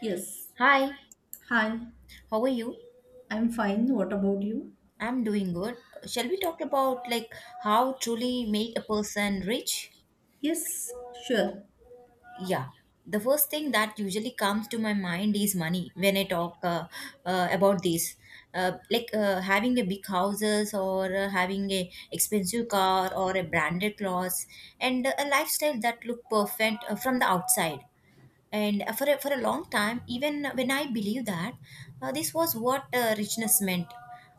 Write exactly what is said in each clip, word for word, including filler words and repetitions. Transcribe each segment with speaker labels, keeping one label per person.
Speaker 1: Yes.
Speaker 2: Hi,
Speaker 1: Hi,
Speaker 2: how are you?
Speaker 1: I'm fine. What about you?
Speaker 2: I'm doing good. Shall we talk about like how truly make a person rich?
Speaker 1: Yes, sure.
Speaker 2: Yeah. The first thing that usually comes to my mind is money when I talk uh, uh, about this. Uh, like uh, having a big houses or uh, having a expensive car or a branded clothes and a lifestyle that look perfect uh, from the outside and uh, for a, for a long time even when I believed that uh, this was what uh, richness meant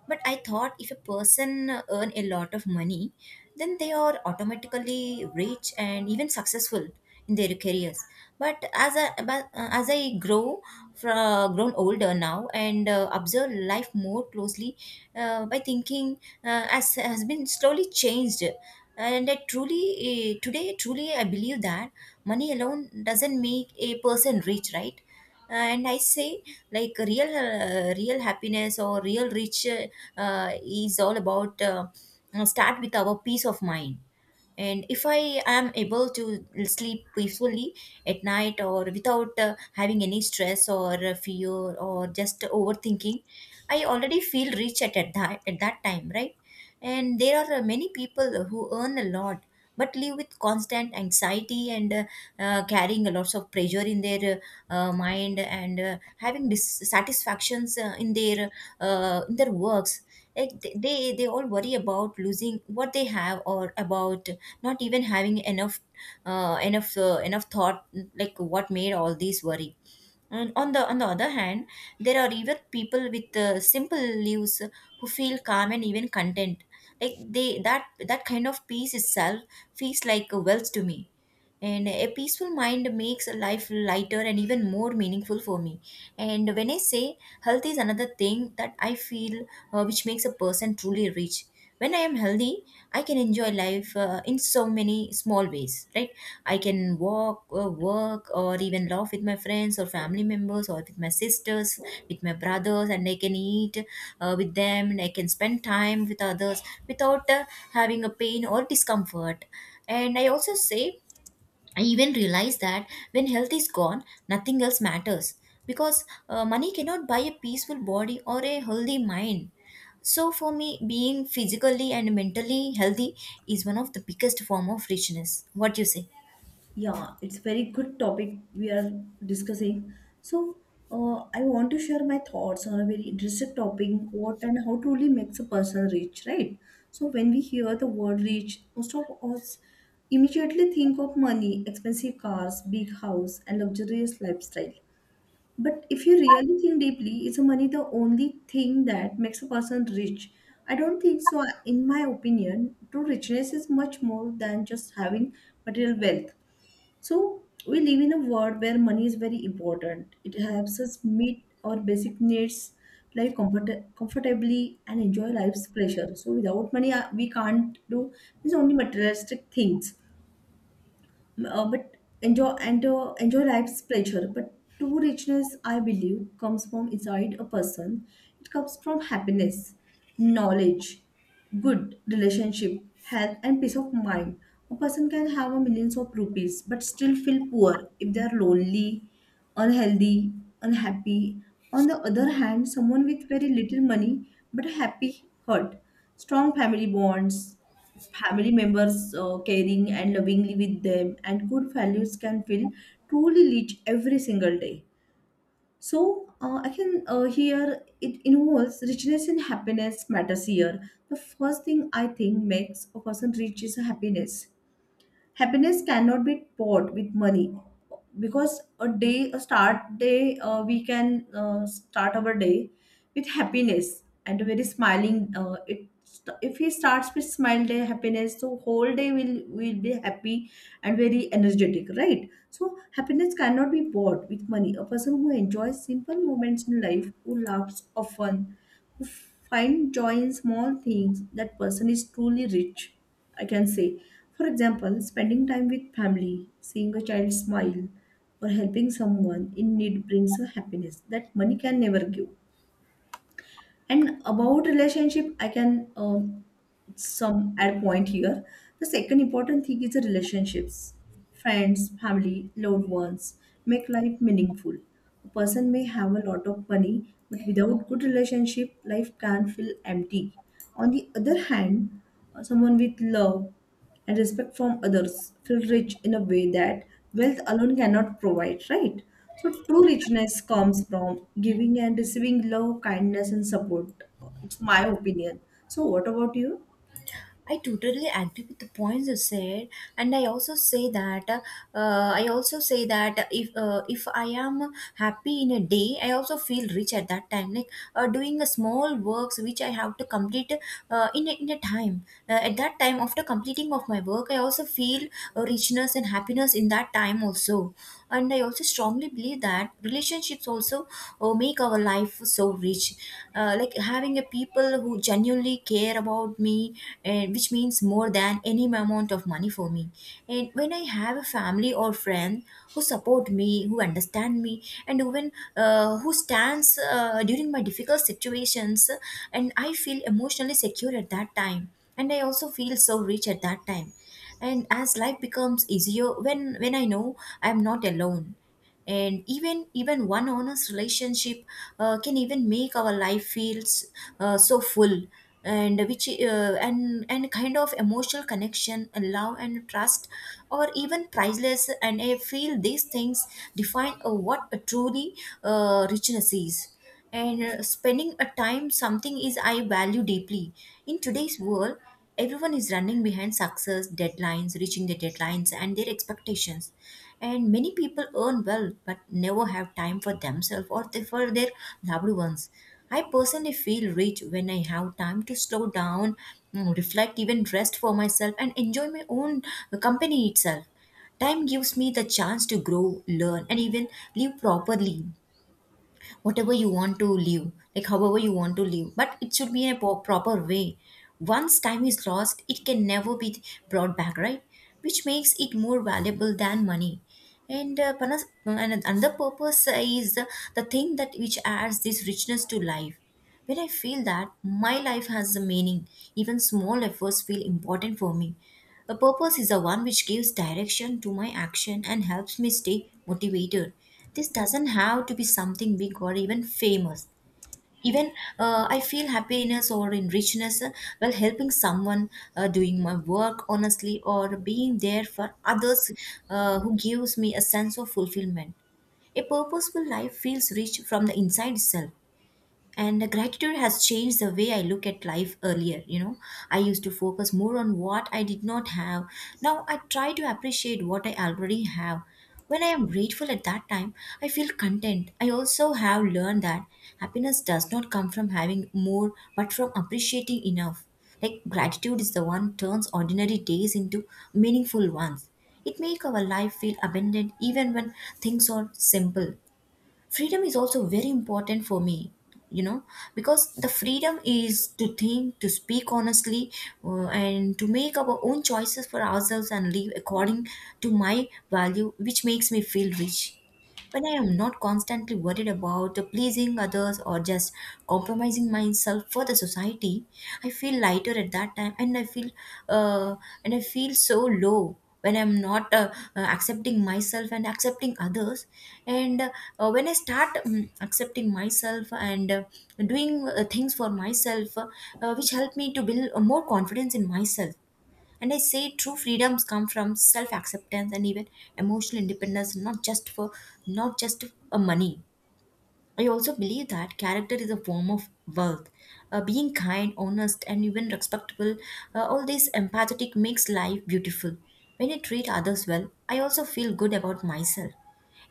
Speaker 2: but I thought if a person uh, earn a lot of money then they are automatically rich and even successful in their careers but as i but, uh, as I grow fra- grown older now and uh, observe life more closely uh, by thinking uh, as has been slowly changed and I truly eh, today truly I believe that money alone doesn't make a person rich, right? And I say like real uh, real happiness or real rich uh, uh, is all about uh, start with our peace of mind. And if I am able to sleep peacefully at night or without uh, having any stress or uh, fear or just overthinking, I already feel rich at, at that at that time, right? And there are uh, many people who earn a lot but live with constant anxiety and uh, uh, carrying a lots of pressure in their uh, uh, mind and uh, having dissatisfactions uh, in their uh, in their works. Like th- they they all worry about losing what they have or about not even having enough uh, enough uh, enough thought, like what made all these worry. And on the on the other hand, there are even people with uh, simple lives who feel calm and even content. Like they that that kind of peace itself feels like a wealth to me, and a peaceful mind makes life lighter and even more meaningful for me. And when I say, health is another thing that I feel uh, which makes a person truly rich. When I am healthy, I can enjoy life uh, in so many small ways, right? I can walk uh, work or even laugh with my friends or family members or with my sisters, with my brothers, and I can eat uh, with them, and I can spend time with others without uh, having a pain or discomfort. And I also say, I even realize that when health is gone, nothing else matters, because uh, money cannot buy a peaceful body or a healthy mind. So for me, being physically and mentally healthy is one of the biggest form of richness. What you say?
Speaker 1: Yeah, it's very good topic we are discussing. So, uh, I want to share my thoughts on a very interesting topic, what and how truly makes a person rich, right? So, when we hear the word rich, most of us immediately think of money, expensive cars, big house, and luxurious lifestyle. But if you really think deeply, is money the only thing that makes a person rich? I don't think so. uh, In my opinion, true richness is much more than just having material wealth. So we live in a world where money is very important. It helps us meet our basic needs, live comfort- comfortably, and enjoy life's pleasure. So without money, uh, we can't do these only materialistic things uh, but enjoy and uh, enjoy life's pleasure, but true richness, I believe, comes from inside a person. It comes from happiness, knowledge, good relationship, health and peace of mind. A person can have a millions of rupees but still feel poor if they are lonely, unhealthy, unhappy. On the other hand, someone with very little money but happy heart, strong family bonds, family members uh, caring and lovingly with them and good values can feel truly rich every single day. So uh, I can uh, here, it involves richness and happiness matters here. The first thing I think makes a person rich is happiness. Happiness cannot be bought with money because a day, a start day, uh, we can uh, start our day with happiness and a very smiling, uh, it st- if he starts with smile day happiness, so whole day will will be happy and very energetic, right? So happiness cannot be bought with money. A person who enjoys simple moments in life, who laughs often, who find joy in small things, that person is truly rich, I can say. For example, spending time with family, seeing a child smile, or helping someone in need brings a happiness that money can never give. And about relationship, I can um, some at point here. The second important thing is the relationships. Friends, family, loved ones make life meaningful. A person may have a lot of money, but without good relationship, life can feel empty. On the other hand, uh, someone with love and respect from others feel rich in a way that wealth alone cannot provide, right? So true richness comes from giving and receiving love, kindness and support. It's my opinion. So what about you?
Speaker 2: I totally agree with the points you said, and I also say that uh, I also say that if uh, if I am happy in a day, I also feel rich at that time. Like uh, doing a small works which I have to complete uh, in a, in a time. Uh, at that time, after completing of my work, I also feel uh, richness and happiness in that time also. And I also strongly believe that relationships also uh, make our life so rich, uh, like having a people who genuinely care about me, and which means more than any amount of money for me. And when I have a family or friend who support me, who understand me, and even uh, who stands uh, during my difficult situations, and I feel emotionally secure at that time, and I also feel so rich at that time. And as life becomes easier when when I know I am not alone, and even even one honest relationship uh, can even make our life feels uh, so full. And which uh, and and kind of emotional connection and love and trust or even priceless, and I feel these things define uh, what a truly uh, richness is. And uh, spending a time something is I value deeply. In today's world, everyone is running behind success deadlines, reaching their deadlines and their expectations, and many people earn well but never have time for themselves or th- for their loved ones. I personally feel rich when I have time to slow down, mm, reflect, even rest for myself, and enjoy my own uh, company itself. Time gives me the chance to grow, learn, and even live properly, whatever you want to live, like however you want to live, but it should be in a po- proper way. Once time is lost, it can never be brought back, right? Which makes it more valuable than money. And uh, panas- and another purpose is the the thing that which adds this richness to life. When I feel that my life has a meaning, even small efforts feel important for me. A purpose is the one which gives direction to my action and helps me stay motivated. This doesn't have to be something big or even famous. Even uh, I feel happiness or in richness uh, while helping someone, uh, doing my work honestly, or being there for others uh, who gives me a sense of fulfillment. A purposeful life feels rich from the inside itself. And the gratitude has changed the way I look at life earlier, you know, I used to focus more on what I did not have. Now I try to appreciate what I already have. When I am grateful at that time, I feel content. I also have learned that happiness does not come from having more but from appreciating enough. Like gratitude is the one turns ordinary days into meaningful ones. It makes our life feel abundant even when things are simple. Freedom is also very important for me, you know, because the freedom is to think, to speak honestly, uh, and to make our own choices for ourselves and live according to my value, which makes me feel rich. When I am not constantly worried about pleasing others or just compromising myself for the society, I feel lighter at that time, and I feel uh, and I feel so low when I'm not uh, uh, accepting myself and accepting others. And uh, when I start um, accepting myself and uh, doing uh, things for myself, uh, uh, which help me to build uh, more confidence in myself. And I say true freedoms come from self acceptance and even emotional independence, not just for not just for money. I also believe that character is a form of wealth. Uh, being kind, honest, and even respectable, uh, all this empathetic makes life beautiful. When I treat others well, I also feel good about myself.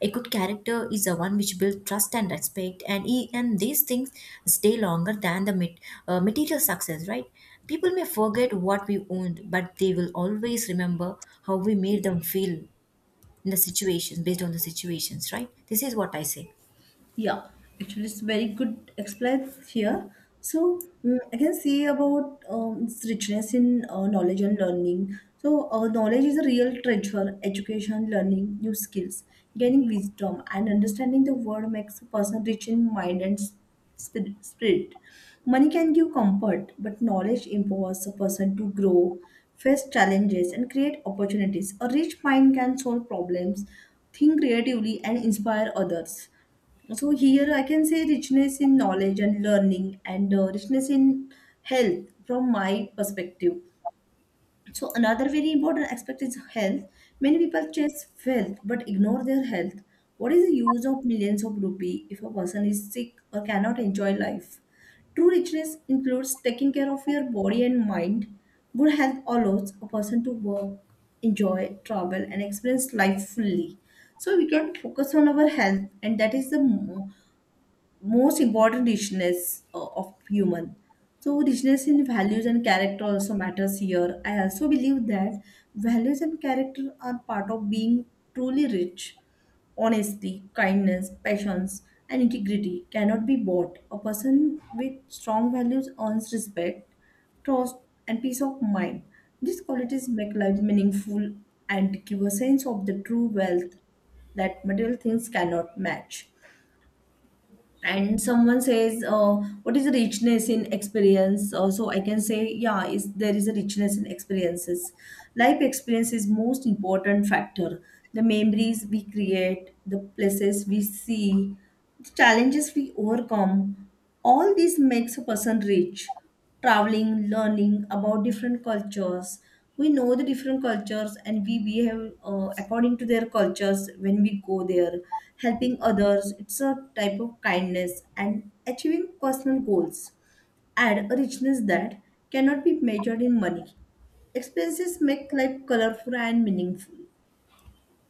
Speaker 2: A good character is the one which builds trust and respect, and e- and these things stay longer than the mat- uh, material success, right? People may forget what we owned, but they will always remember how we made them feel in the situations, based on the situations, right? This is what I say.
Speaker 1: Yeah, actually, it's very good explained here. So mm, I can say about um, its richness in uh, knowledge and learning. So uh, knowledge is a real treasure. Education, learning new skills, gaining wisdom, and understanding the world makes a person rich in mind and s- spir- spirit. Money can give comfort, but knowledge empowers a person to grow, face challenges, and create opportunities. A rich mind can solve problems, think creatively, and inspire others. So here I can say richness in knowledge and learning and uh, richness in health from my perspective. So another very important aspect is health. Many people chase wealth but ignore their health. What is the use of millions of rupee if a person is sick or cannot enjoy life? True richness includes taking care of your body and mind. Good health allows a person to work, enjoy, travel, and experience life fully. So we can focus on our health, and that is the most important richness uh, of human. So richness in values and character also matters here. I also believe that values and character are part of being truly rich. Honesty, kindness, passions and integrity cannot be bought. A person with strong values earns respect, trust and peace of mind. These qualities make life meaningful and give a sense of the true wealth that material things cannot match. And someone says, uh, what is the richness in experience? Uh, so I can say yeah, is there is a richness in experiences. Life experience is most important factor. The memories we create, the places we see, the challenges we overcome, all this makes a person rich. Traveling, learning about different cultures. We know the different cultures and we behave uh, according to their cultures when we go there. Helping others, it's a type of kindness, and achieving personal goals add a richness that cannot be measured in money. Experiences make life colorful and meaningful.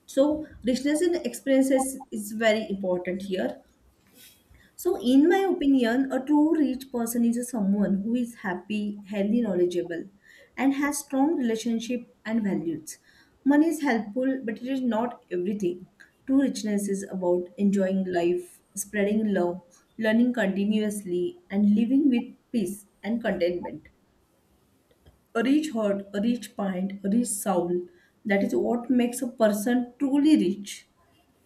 Speaker 1: So, richness in experiences is very important here. So, in my opinion, a true rich person is someone who is happy, healthy, knowledgeable, and has strong relationship and values. Money is helpful, but it is not everything. True richness is about enjoying life, spreading love, learning continuously, and living with peace and contentment. A rich heart, a rich mind, a rich soul. That is what makes a person truly rich.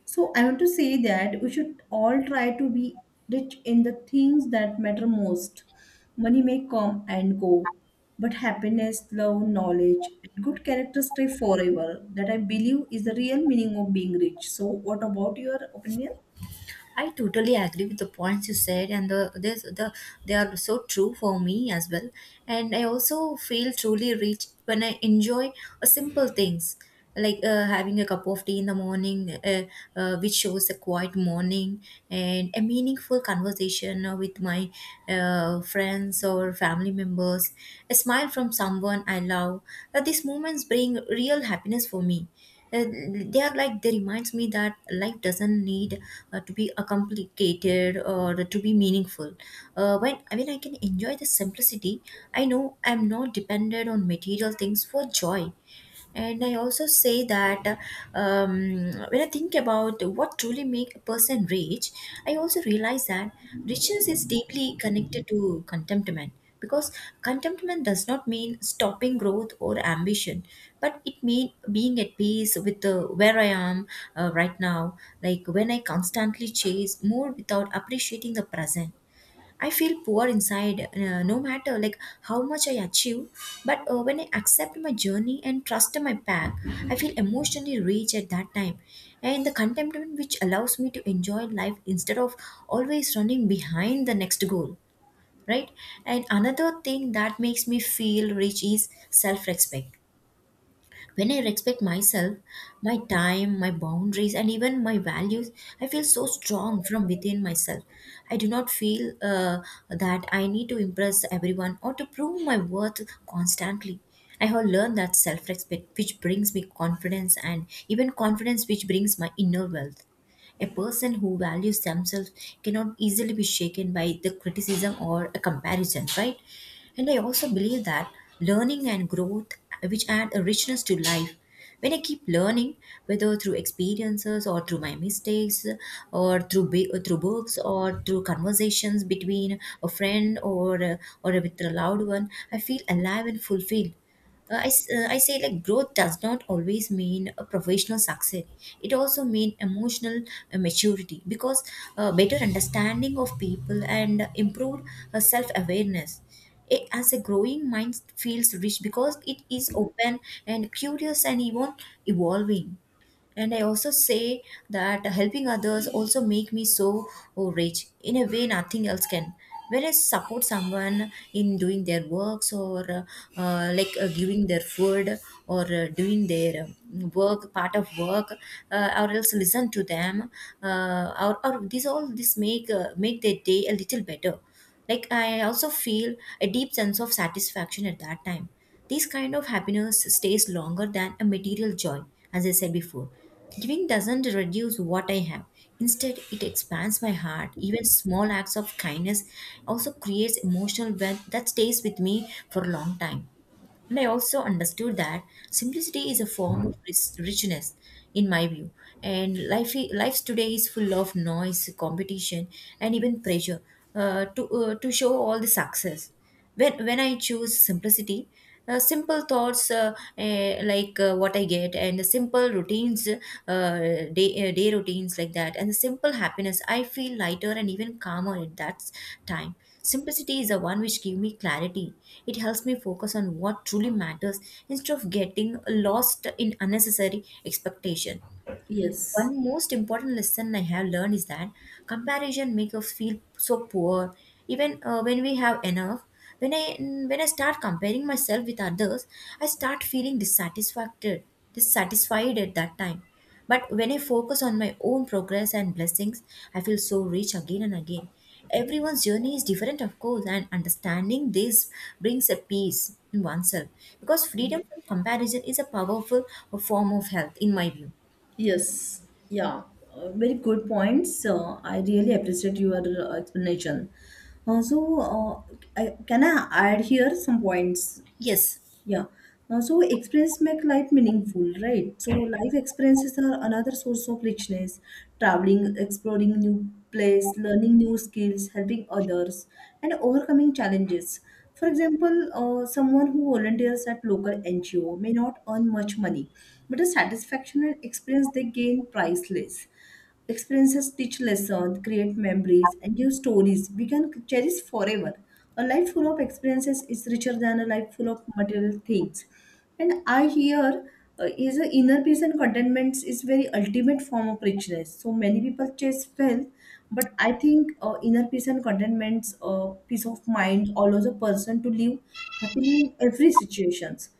Speaker 1: So I want to say that we should all try to be rich in the things that matter most. Money may come and go, but happiness, love, knowledge, and good character stay forever. That I believe is the real meaning of being rich. So what about your opinion?
Speaker 2: I totally agree with the points you said, and the this the they are so true for me as well. And I also feel truly rich when I enjoy uh, simple things, like uh, having a cup of tea in the morning, uh, uh, which shows a quiet morning and a meaningful conversation uh, with my uh, friends or family members, a smile from someone I love. Uh, these moments bring real happiness for me. uh, they are like, they reminds me that life doesn't need uh, to be a complicated or to be meaningful uh, when I mean, I can enjoy the simplicity. I know I'm not dependent on material things for joy. And I also say that, um, when I think about what truly make a person rich, I also realize that riches is deeply connected to contentment, because contentment does not mean stopping growth or ambition, but it means being at peace with uh, where I am uh, right now. Like when I constantly chase more without appreciating the present, I feel poor inside, uh, no matter like how much I achieve. But uh, when I accept my journey and trust my path, I feel emotionally rich at that time, and the contentment which allows me to enjoy life instead of always running behind the next goal. Right, and another thing that makes me feel rich is self-respect. When I respect myself, my time, my boundaries, and even my values, I feel so strong from within myself. I do not feel uh, that I need to impress everyone or to prove my worth constantly. I have learned that self respect, which brings me confidence, and even confidence, which brings my inner wealth. A person who values themselves cannot easily be shaken by the criticism or a comparison, right? And I also believe that learning and growth, which add a richness to life, when I keep learning, whether through experiences or through my mistakes, or through bi- or through books or through conversations between a friend or uh, or with a loved one, I feel alive and fulfilled. Uh, I, s- uh, I say like growth does not always mean a professional success. It also means emotional uh, maturity because uh, better understanding of people and improved uh, self awareness. As a growing mind feels rich because it is open and curious and even evolving. And I also say that helping others also make me so oh, rich in a way nothing else can when I support someone in doing their works or uh, uh, like uh, giving their food or uh, doing their um, work part of work, uh, or else listen to them, uh, or, or these all this make uh, make their day a little better. Like I also feel a deep sense of satisfaction at that time. This kind of happiness stays longer than a material joy, as I said before. Giving doesn't reduce what I have. Instead, it expands my heart. Even small acts of kindness also creates emotional wealth that stays with me for a long time. And I also understood that simplicity is a form of ris- richness, in my view. And life, i- life today is full of noise, competition, and even pressure uh, to uh, to show all the success. When when I choose simplicity, uh, simple thoughts uh, eh, like uh, what I get, and the simple routines, uh, day uh, day routines like that, and the simple happiness, I feel lighter and even calmer at that time. Simplicity is the one which gives me clarity. It helps me focus on what truly matters instead of getting lost in unnecessary expectation.
Speaker 1: Yes.
Speaker 2: One most important lesson I have learned is that comparison makes us feel so poor, even uh, when we have enough. When I when I start comparing myself with others, I start feeling dissatisfied. Dissatisfied at that time, but when I focus on my own progress and blessings, I feel so rich again and again. Everyone's journey is different, of course, and understanding this brings a peace in oneself because freedom from comparison is a powerful form of health, in my view.
Speaker 1: Yes, yeah, uh, very good points. Uh, I really appreciate your uh, explanation. Uh, so, uh, I, can I add here some points?
Speaker 2: Yes.
Speaker 1: Yeah. Uh, so experience make life meaningful, right? So life experiences are another source of richness. Traveling, exploring new place, learning new skills, helping others, and overcoming challenges. For example, uh, someone who volunteers at local N G O may not earn much money, but the satisfaction and experience they gain priceless. Experiences teach lessons, create memories, and give stories we can cherish forever. A life full of experiences is richer than a life full of material things. And I hear uh, is a inner peace and contentment is very ultimate form of richness. So many people chase wealth, but I think uh, inner peace and contentment, uh, peace of mind allows a person to live happily in every situations.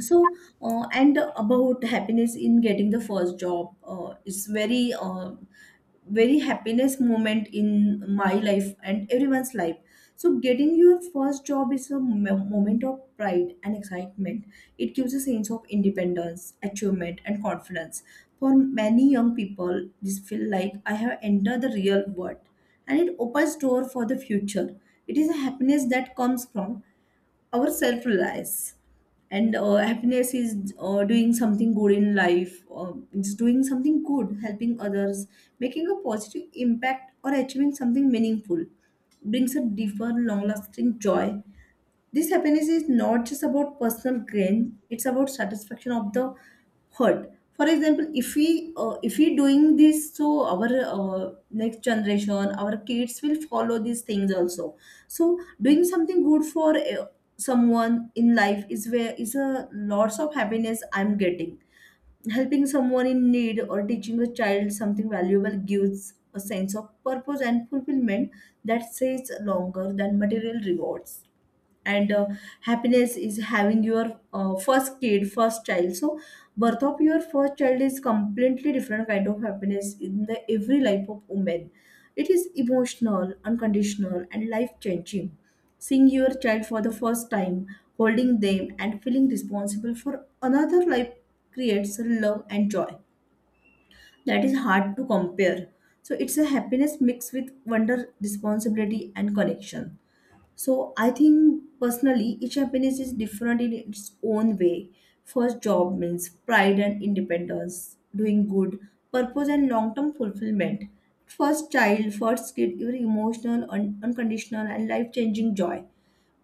Speaker 1: So uh, and about happiness in getting the first job, uh, it's very uh, very happiness moment in my life and everyone's life. So getting your first job is a mo- moment of pride and excitement. It gives a sense of independence, achievement and confidence. For many young people this feel like I have entered the real world, and it opens door for the future. It is a happiness that comes from our self reliance. And uh, happiness is, uh, doing something good in life, uh, it's doing something good, helping others, making a positive impact or achieving something meaningful, brings a deeper long lasting joy. This happiness is not just about personal gain, it's about satisfaction of the heart. For example, if we uh, if we doing this, so our uh, next generation, our kids will follow these things also. So doing something good for uh, someone in life is where is a lots of happiness I'm getting. Helping someone in need or teaching a child something valuable gives a sense of purpose and fulfillment that stays longer than material rewards. And uh, happiness is having your uh, first kid, first child. So birth of your first child is completely different kind of happiness in the every life of woman. It is emotional, unconditional and life changing. Seeing your child for the first time, holding them and feeling responsible for another life, creates love and joy that is hard to compare. So it's a happiness mixed with wonder, responsibility and connection. So I think personally, each happiness is different in its own way. First, job means pride and independence, doing good, purpose and long-term fulfillment. First child, first kid, even emotional, un- unconditional, and life-changing joy.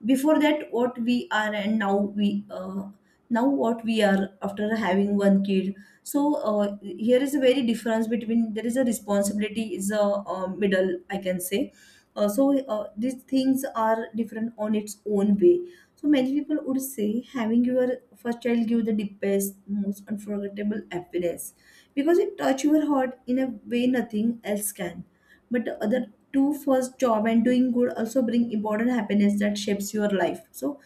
Speaker 1: Before that what we are and now we uh, now what we are after having one kid. So uh, here is a very difference between, there is a responsibility is a uh, middle I can say. Uh, so uh, these things are different on its own way. So many people would say having your first child give the deepest, most unforgettable happiness because it touch your heart in a way nothing else can, but the other two, first job and doing good, also bring important happiness that shapes your life. So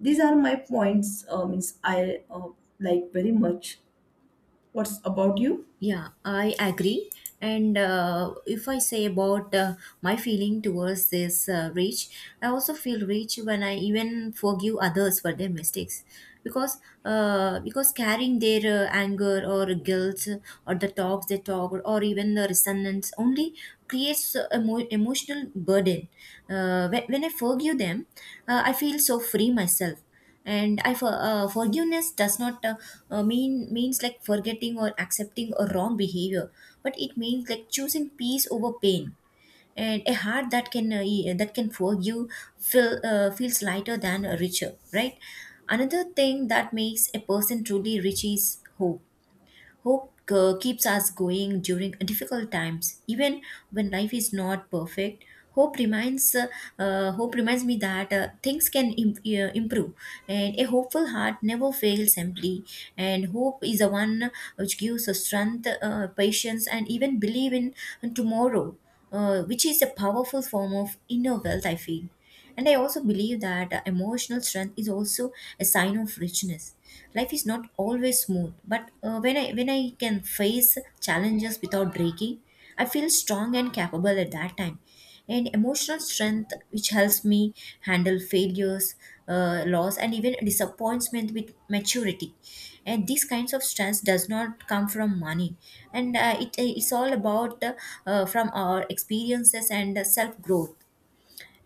Speaker 1: these are my points, uh, means i uh, like very much. What's about you?
Speaker 2: Yeah, I agree. And uh, if I say about uh, my feeling towards this uh, rage, I also feel rage when I even forgive others for their mistakes, because uh, because carrying their uh, anger or guilt or the talks they talk or even the resentment only creates a emo- emotional burden. Uh, when, when I forgive them, uh, I feel so free myself. And i for, uh, forgiveness does not uh, uh, mean means like forgetting or accepting a wrong behavior, but it means like choosing peace over pain. And a heart that can uh, e- that can forgive feel, uh, feels lighter than richer, right? Another thing that makes a person truly rich is hope. Hope uh, keeps us going during difficult times, even when life is not perfect. Hope reminds uh, uh, hope reminds me that uh, things can im- uh, improve, and a hopeful heart never fails simply. And hope is the one which gives us strength, uh, patience, and even believe in tomorrow, uh, which is a powerful form of inner wealth, I feel. And I also believe that uh, emotional strength is also a sign of richness. Life is not always smooth, but uh, when i when i can face challenges without breaking, I feel strong and capable at that time. And emotional strength which helps me handle failures, uh, loss, and even disappointment with maturity. And these kinds of strengths does not come from money, and uh, it, it's all about uh, uh, from our experiences and self growth.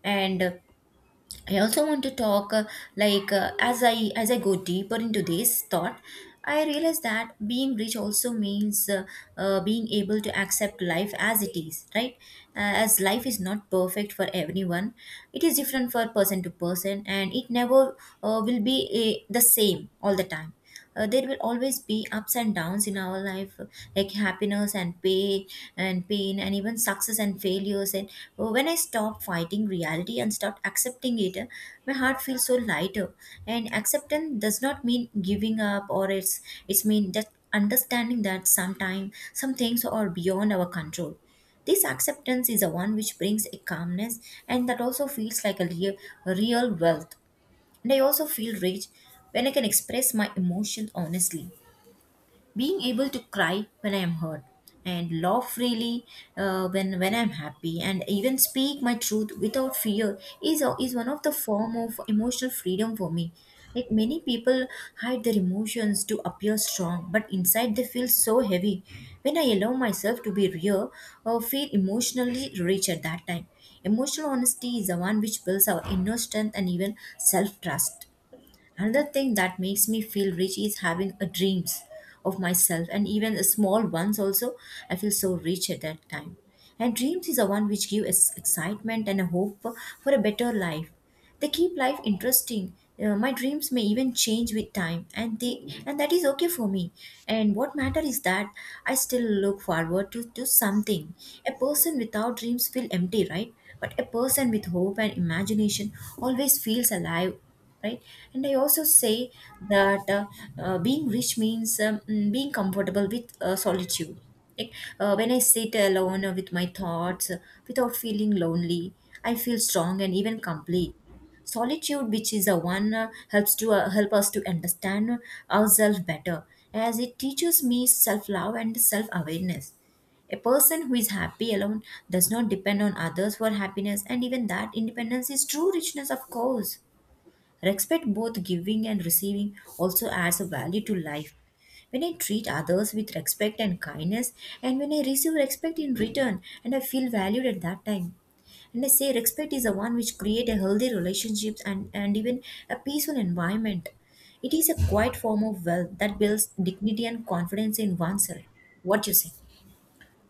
Speaker 2: And uh, I also want to talk, uh, like uh, as I as I go deeper into this thought, I realize that being rich also means uh, uh, being able to accept life as it is, right? Uh, as life is not perfect for everyone, it is different for person to person, and it never uh, will be uh, the same all the time. Uh, there will always be ups and downs in our life, like happiness and pain, and pain, and even success and failures. And uh, when I stop fighting reality and start accepting it, uh, my heart feels so lighter. And acceptance does not mean giving up, or it's it's mean just understanding that sometime some things are beyond our control. This acceptance is the one which brings a calmness, and that also feels like a real, real wealth. And I also feel rich when I can express my emotions honestly. Being able to cry when I am hurt and laugh freely uh, when when I'm happy, and even speak my truth without fear is uh, is one of the form of emotional freedom for me. Like many people hide their emotions to appear strong, but inside they feel so heavy. When I allow myself to be real, I feel emotionally rich at that time. Emotional honesty is the one which builds our inner strength and even self trust. Another thing that makes me feel rich is having a dreams of myself, and even a small ones also. I feel so rich at that time. And dreams is the one which give us excitement and a hope for, for a better life. They keep life interesting. Uh, my dreams may even change with time, and they and that is okay for me. And what matter is that I still look forward to to something. A person without dreams feel empty, right? But a person with hope and imagination always feels alive, right? And I also say that uh, uh, being rich means um, mm, being comfortable with uh, solitude. Like uh, when I sit alone uh, with my thoughts, uh, without feeling lonely, I feel strong and even complete. Solitude which is a one uh, helps to uh, help us to understand ourselves better, as it teaches me self love and self awareness. A person who is happy alone does not depend on others for happiness, and even that independence is true richness, of course. Respect, both giving and receiving, also adds a value to life. When I treat others with respect and kindness, and when I receive respect in return, and I feel valued at that time. And I say respect is the one which create a healthy relationships, and, and even a peaceful environment. It is a quiet form of wealth that builds dignity and confidence in oneself. What you say?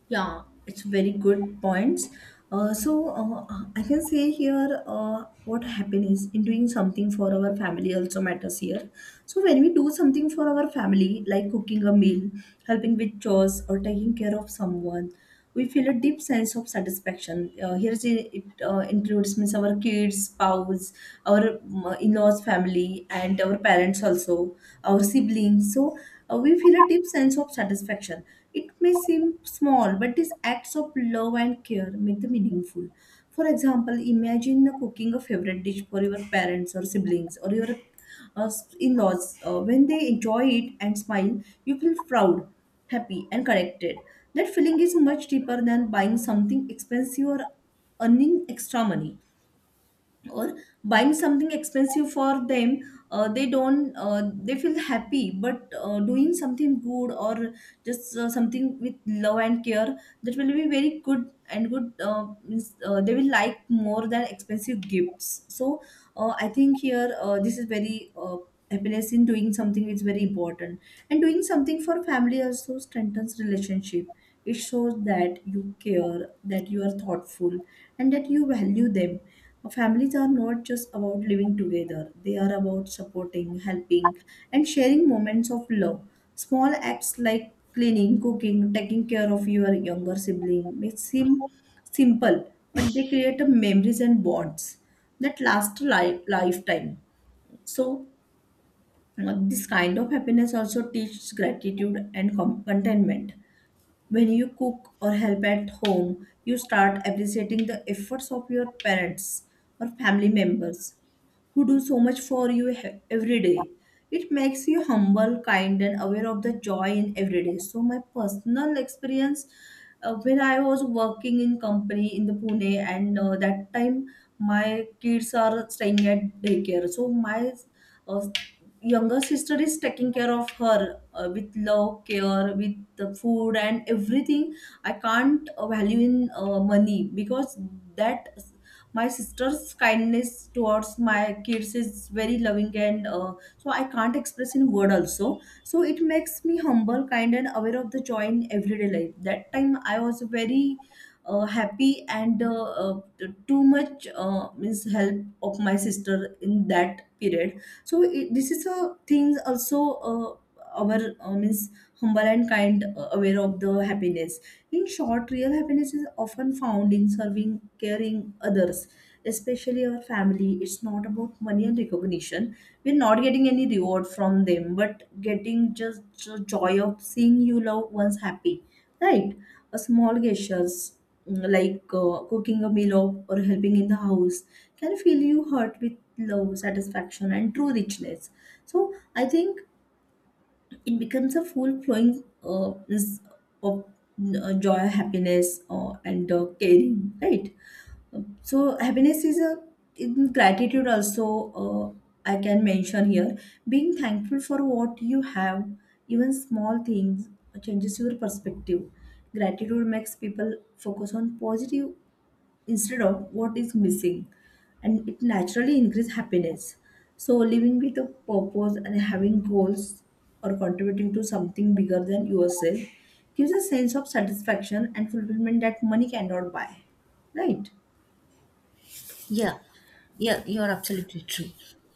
Speaker 1: Yeah, it's very good points. uh, so uh, I can say here, uh, what, happiness in doing something for our family also matters here. So when we do something for our family, like cooking a meal, helping with chores, or taking care of someone, we feel a deep sense of satisfaction. Uh, here is it, it uh, includes means our kids, spouse, our um, in-laws, family, and our parents also, our siblings. So uh, we feel a deep sense of satisfaction. It may seem small, but these acts of love and care make them meaningful. For example, imagine cooking a favorite dish for your parents or siblings or your uh, in-laws. Uh, when they enjoy it and smile, you feel proud, happy, and connected. That feeling is much deeper than buying something expensive, or earning extra money, or buying something expensive for them. uh, they don't uh, they feel happy, but uh, doing something good or just uh, something with love and care, that will be very good and good, uh, means, uh, they will like more than expensive gifts. So uh, I think here, uh, this is very, uh, happiness in doing something is very important. And doing something for family also strengthens relationship. It shows that you care, that you are thoughtful, and that you value them. Families are not just about living together, they are about supporting, helping, and sharing moments of love. Small acts like cleaning, cooking, taking care of your younger sibling may seem simple, but they create a memories and bonds that last a li- lifetime. So, uh, this kind of happiness also teaches gratitude and com- contentment. When you cook or help at home, you start appreciating the efforts of your parents or family members who do so much for you he- every day. It makes you humble, kind, and aware of the joy in every day. So, my personal experience, uh, when I was working in company in the Pune, and uh, that time my kids are staying at daycare. So, my uh, younger sister is taking care of her, uh, with love, care with the food and everything. I can't uh, value in uh, money, because that my sister's kindness towards my kids is very loving, and uh, so I can't express in word also. So it makes me humble, kind, and aware of the joy in everyday life. That time I was very uh, happy, and uh, uh, t- too much uh, means help of my sister in that period. So it, this is a things also, uh, our uh, means humble and kind, uh, aware of the happiness. In short, real happiness is often found in serving, caring others, especially our family. It's not about money and recognition. We're not getting any reward from them, but getting just the joy of seeing you loved ones happy, right? A small gestures, mm, like uh, cooking a meal or or helping in the house, can fill you heart with love, satisfaction, and true richness. So I think it becomes a full flowing, uh, is of uh, joy, happiness, uh, and uh, caring, right? So happiness is a in gratitude also. uh, I can mention here, being thankful for what you have, even small things, uh, changes your perspective. Gratitude makes people focus on positive instead of what is missing, and it naturally increase happiness. So living with a purpose and having goals, or contributing to something bigger than yourself, gives a sense of satisfaction and fulfillment that money cannot buy, right?
Speaker 2: Yeah, yeah, you're absolutely true.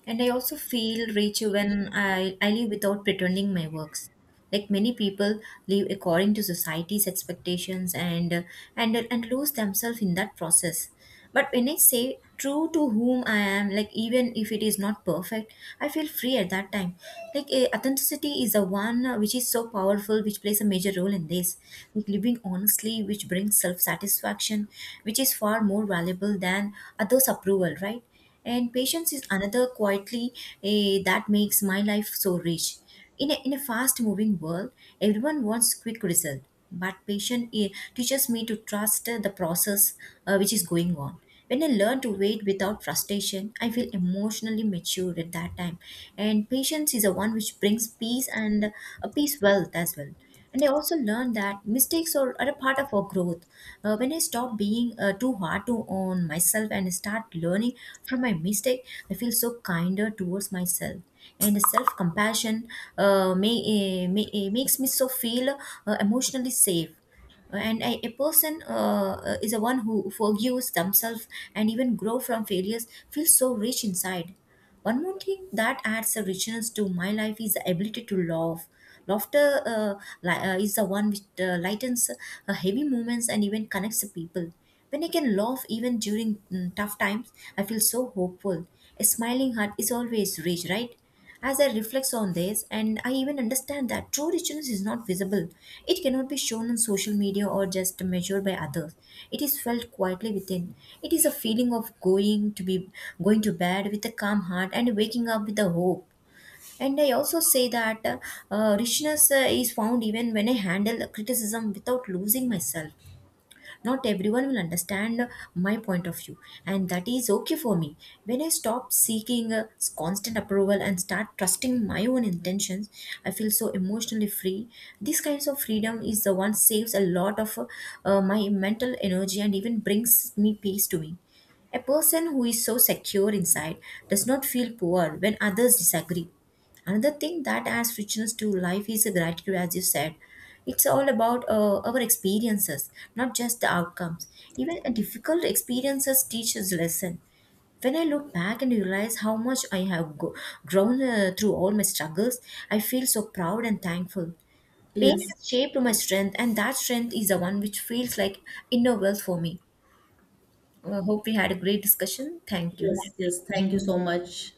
Speaker 2: And I also feel rich when I, I live without pretending my works. Like many people live according to society's expectations, and uh, and and lose themselves in that process. But when I say true to whom I am, like even if it is not perfect, I feel free at that time. Like eh, authenticity is the one uh, which is so powerful, which plays a major role in this. Like living honestly, which brings self satisfaction satisfaction, which is far more valuable than others' approval, right? And patience is another quietly eh, that makes my life so rich. In a, in a fast moving world, everyone wants quick result, but patience eh, teaches me to trust eh, the process uh, which is going on. When I learn to wait without frustration, I feel emotionally mature at that time. And patience is the one which brings peace and a peace wealth as well. And I also learned that mistakes are, are a part of our growth. Uh, when I stop being uh, too hard to on myself and start learning from my mistake, I feel so kinder towards myself. And self-compassion uh, may, eh, may, eh, makes me so feel uh, emotionally safe. And a, a person uh, uh, is a one who forgives themselves and even grow from failures feels so rich inside. One more thing that adds a richness to my life is the ability to laugh. Laughter uh, li- uh, is the one which uh, lightens uh, heavy moments and even connects the people. When I can laugh even during mm, tough times, I feel so hopeful. A smiling heart is always rich, right? As I reflect on this, and I even understand that true richness is not visible. It cannot be shown on social media or just measured by others. It is felt quietly within. It is a feeling of going to be going to bed with a calm heart and waking up with a hope. And I also say that uh, uh, richness uh, is found even when I handle criticism without losing myself. Not everyone will understand my point of view, and that is okay for me. When I stop seeking uh, constant approval and start trusting my own intentions, I feel so emotionally free. This kinds of freedom is the one saves a lot of uh, uh, my mental energy and even brings me peace to me. A person who is so secure inside does not feel poor when others disagree. Another thing that adds richness to life is the gratitude, as you said. It's all about uh, our experiences, not just the outcomes. Even a difficult experiences teach us lesson. When I look back and realize how much I have go- grown uh, through all my struggles, I feel so proud and thankful. Pain
Speaker 1: Yes,
Speaker 2: has shaped my strength, and that strength is the one which feels like inner wealth for me. I hope we had a great discussion. Thank you.
Speaker 1: yes, yes. Thank you so much.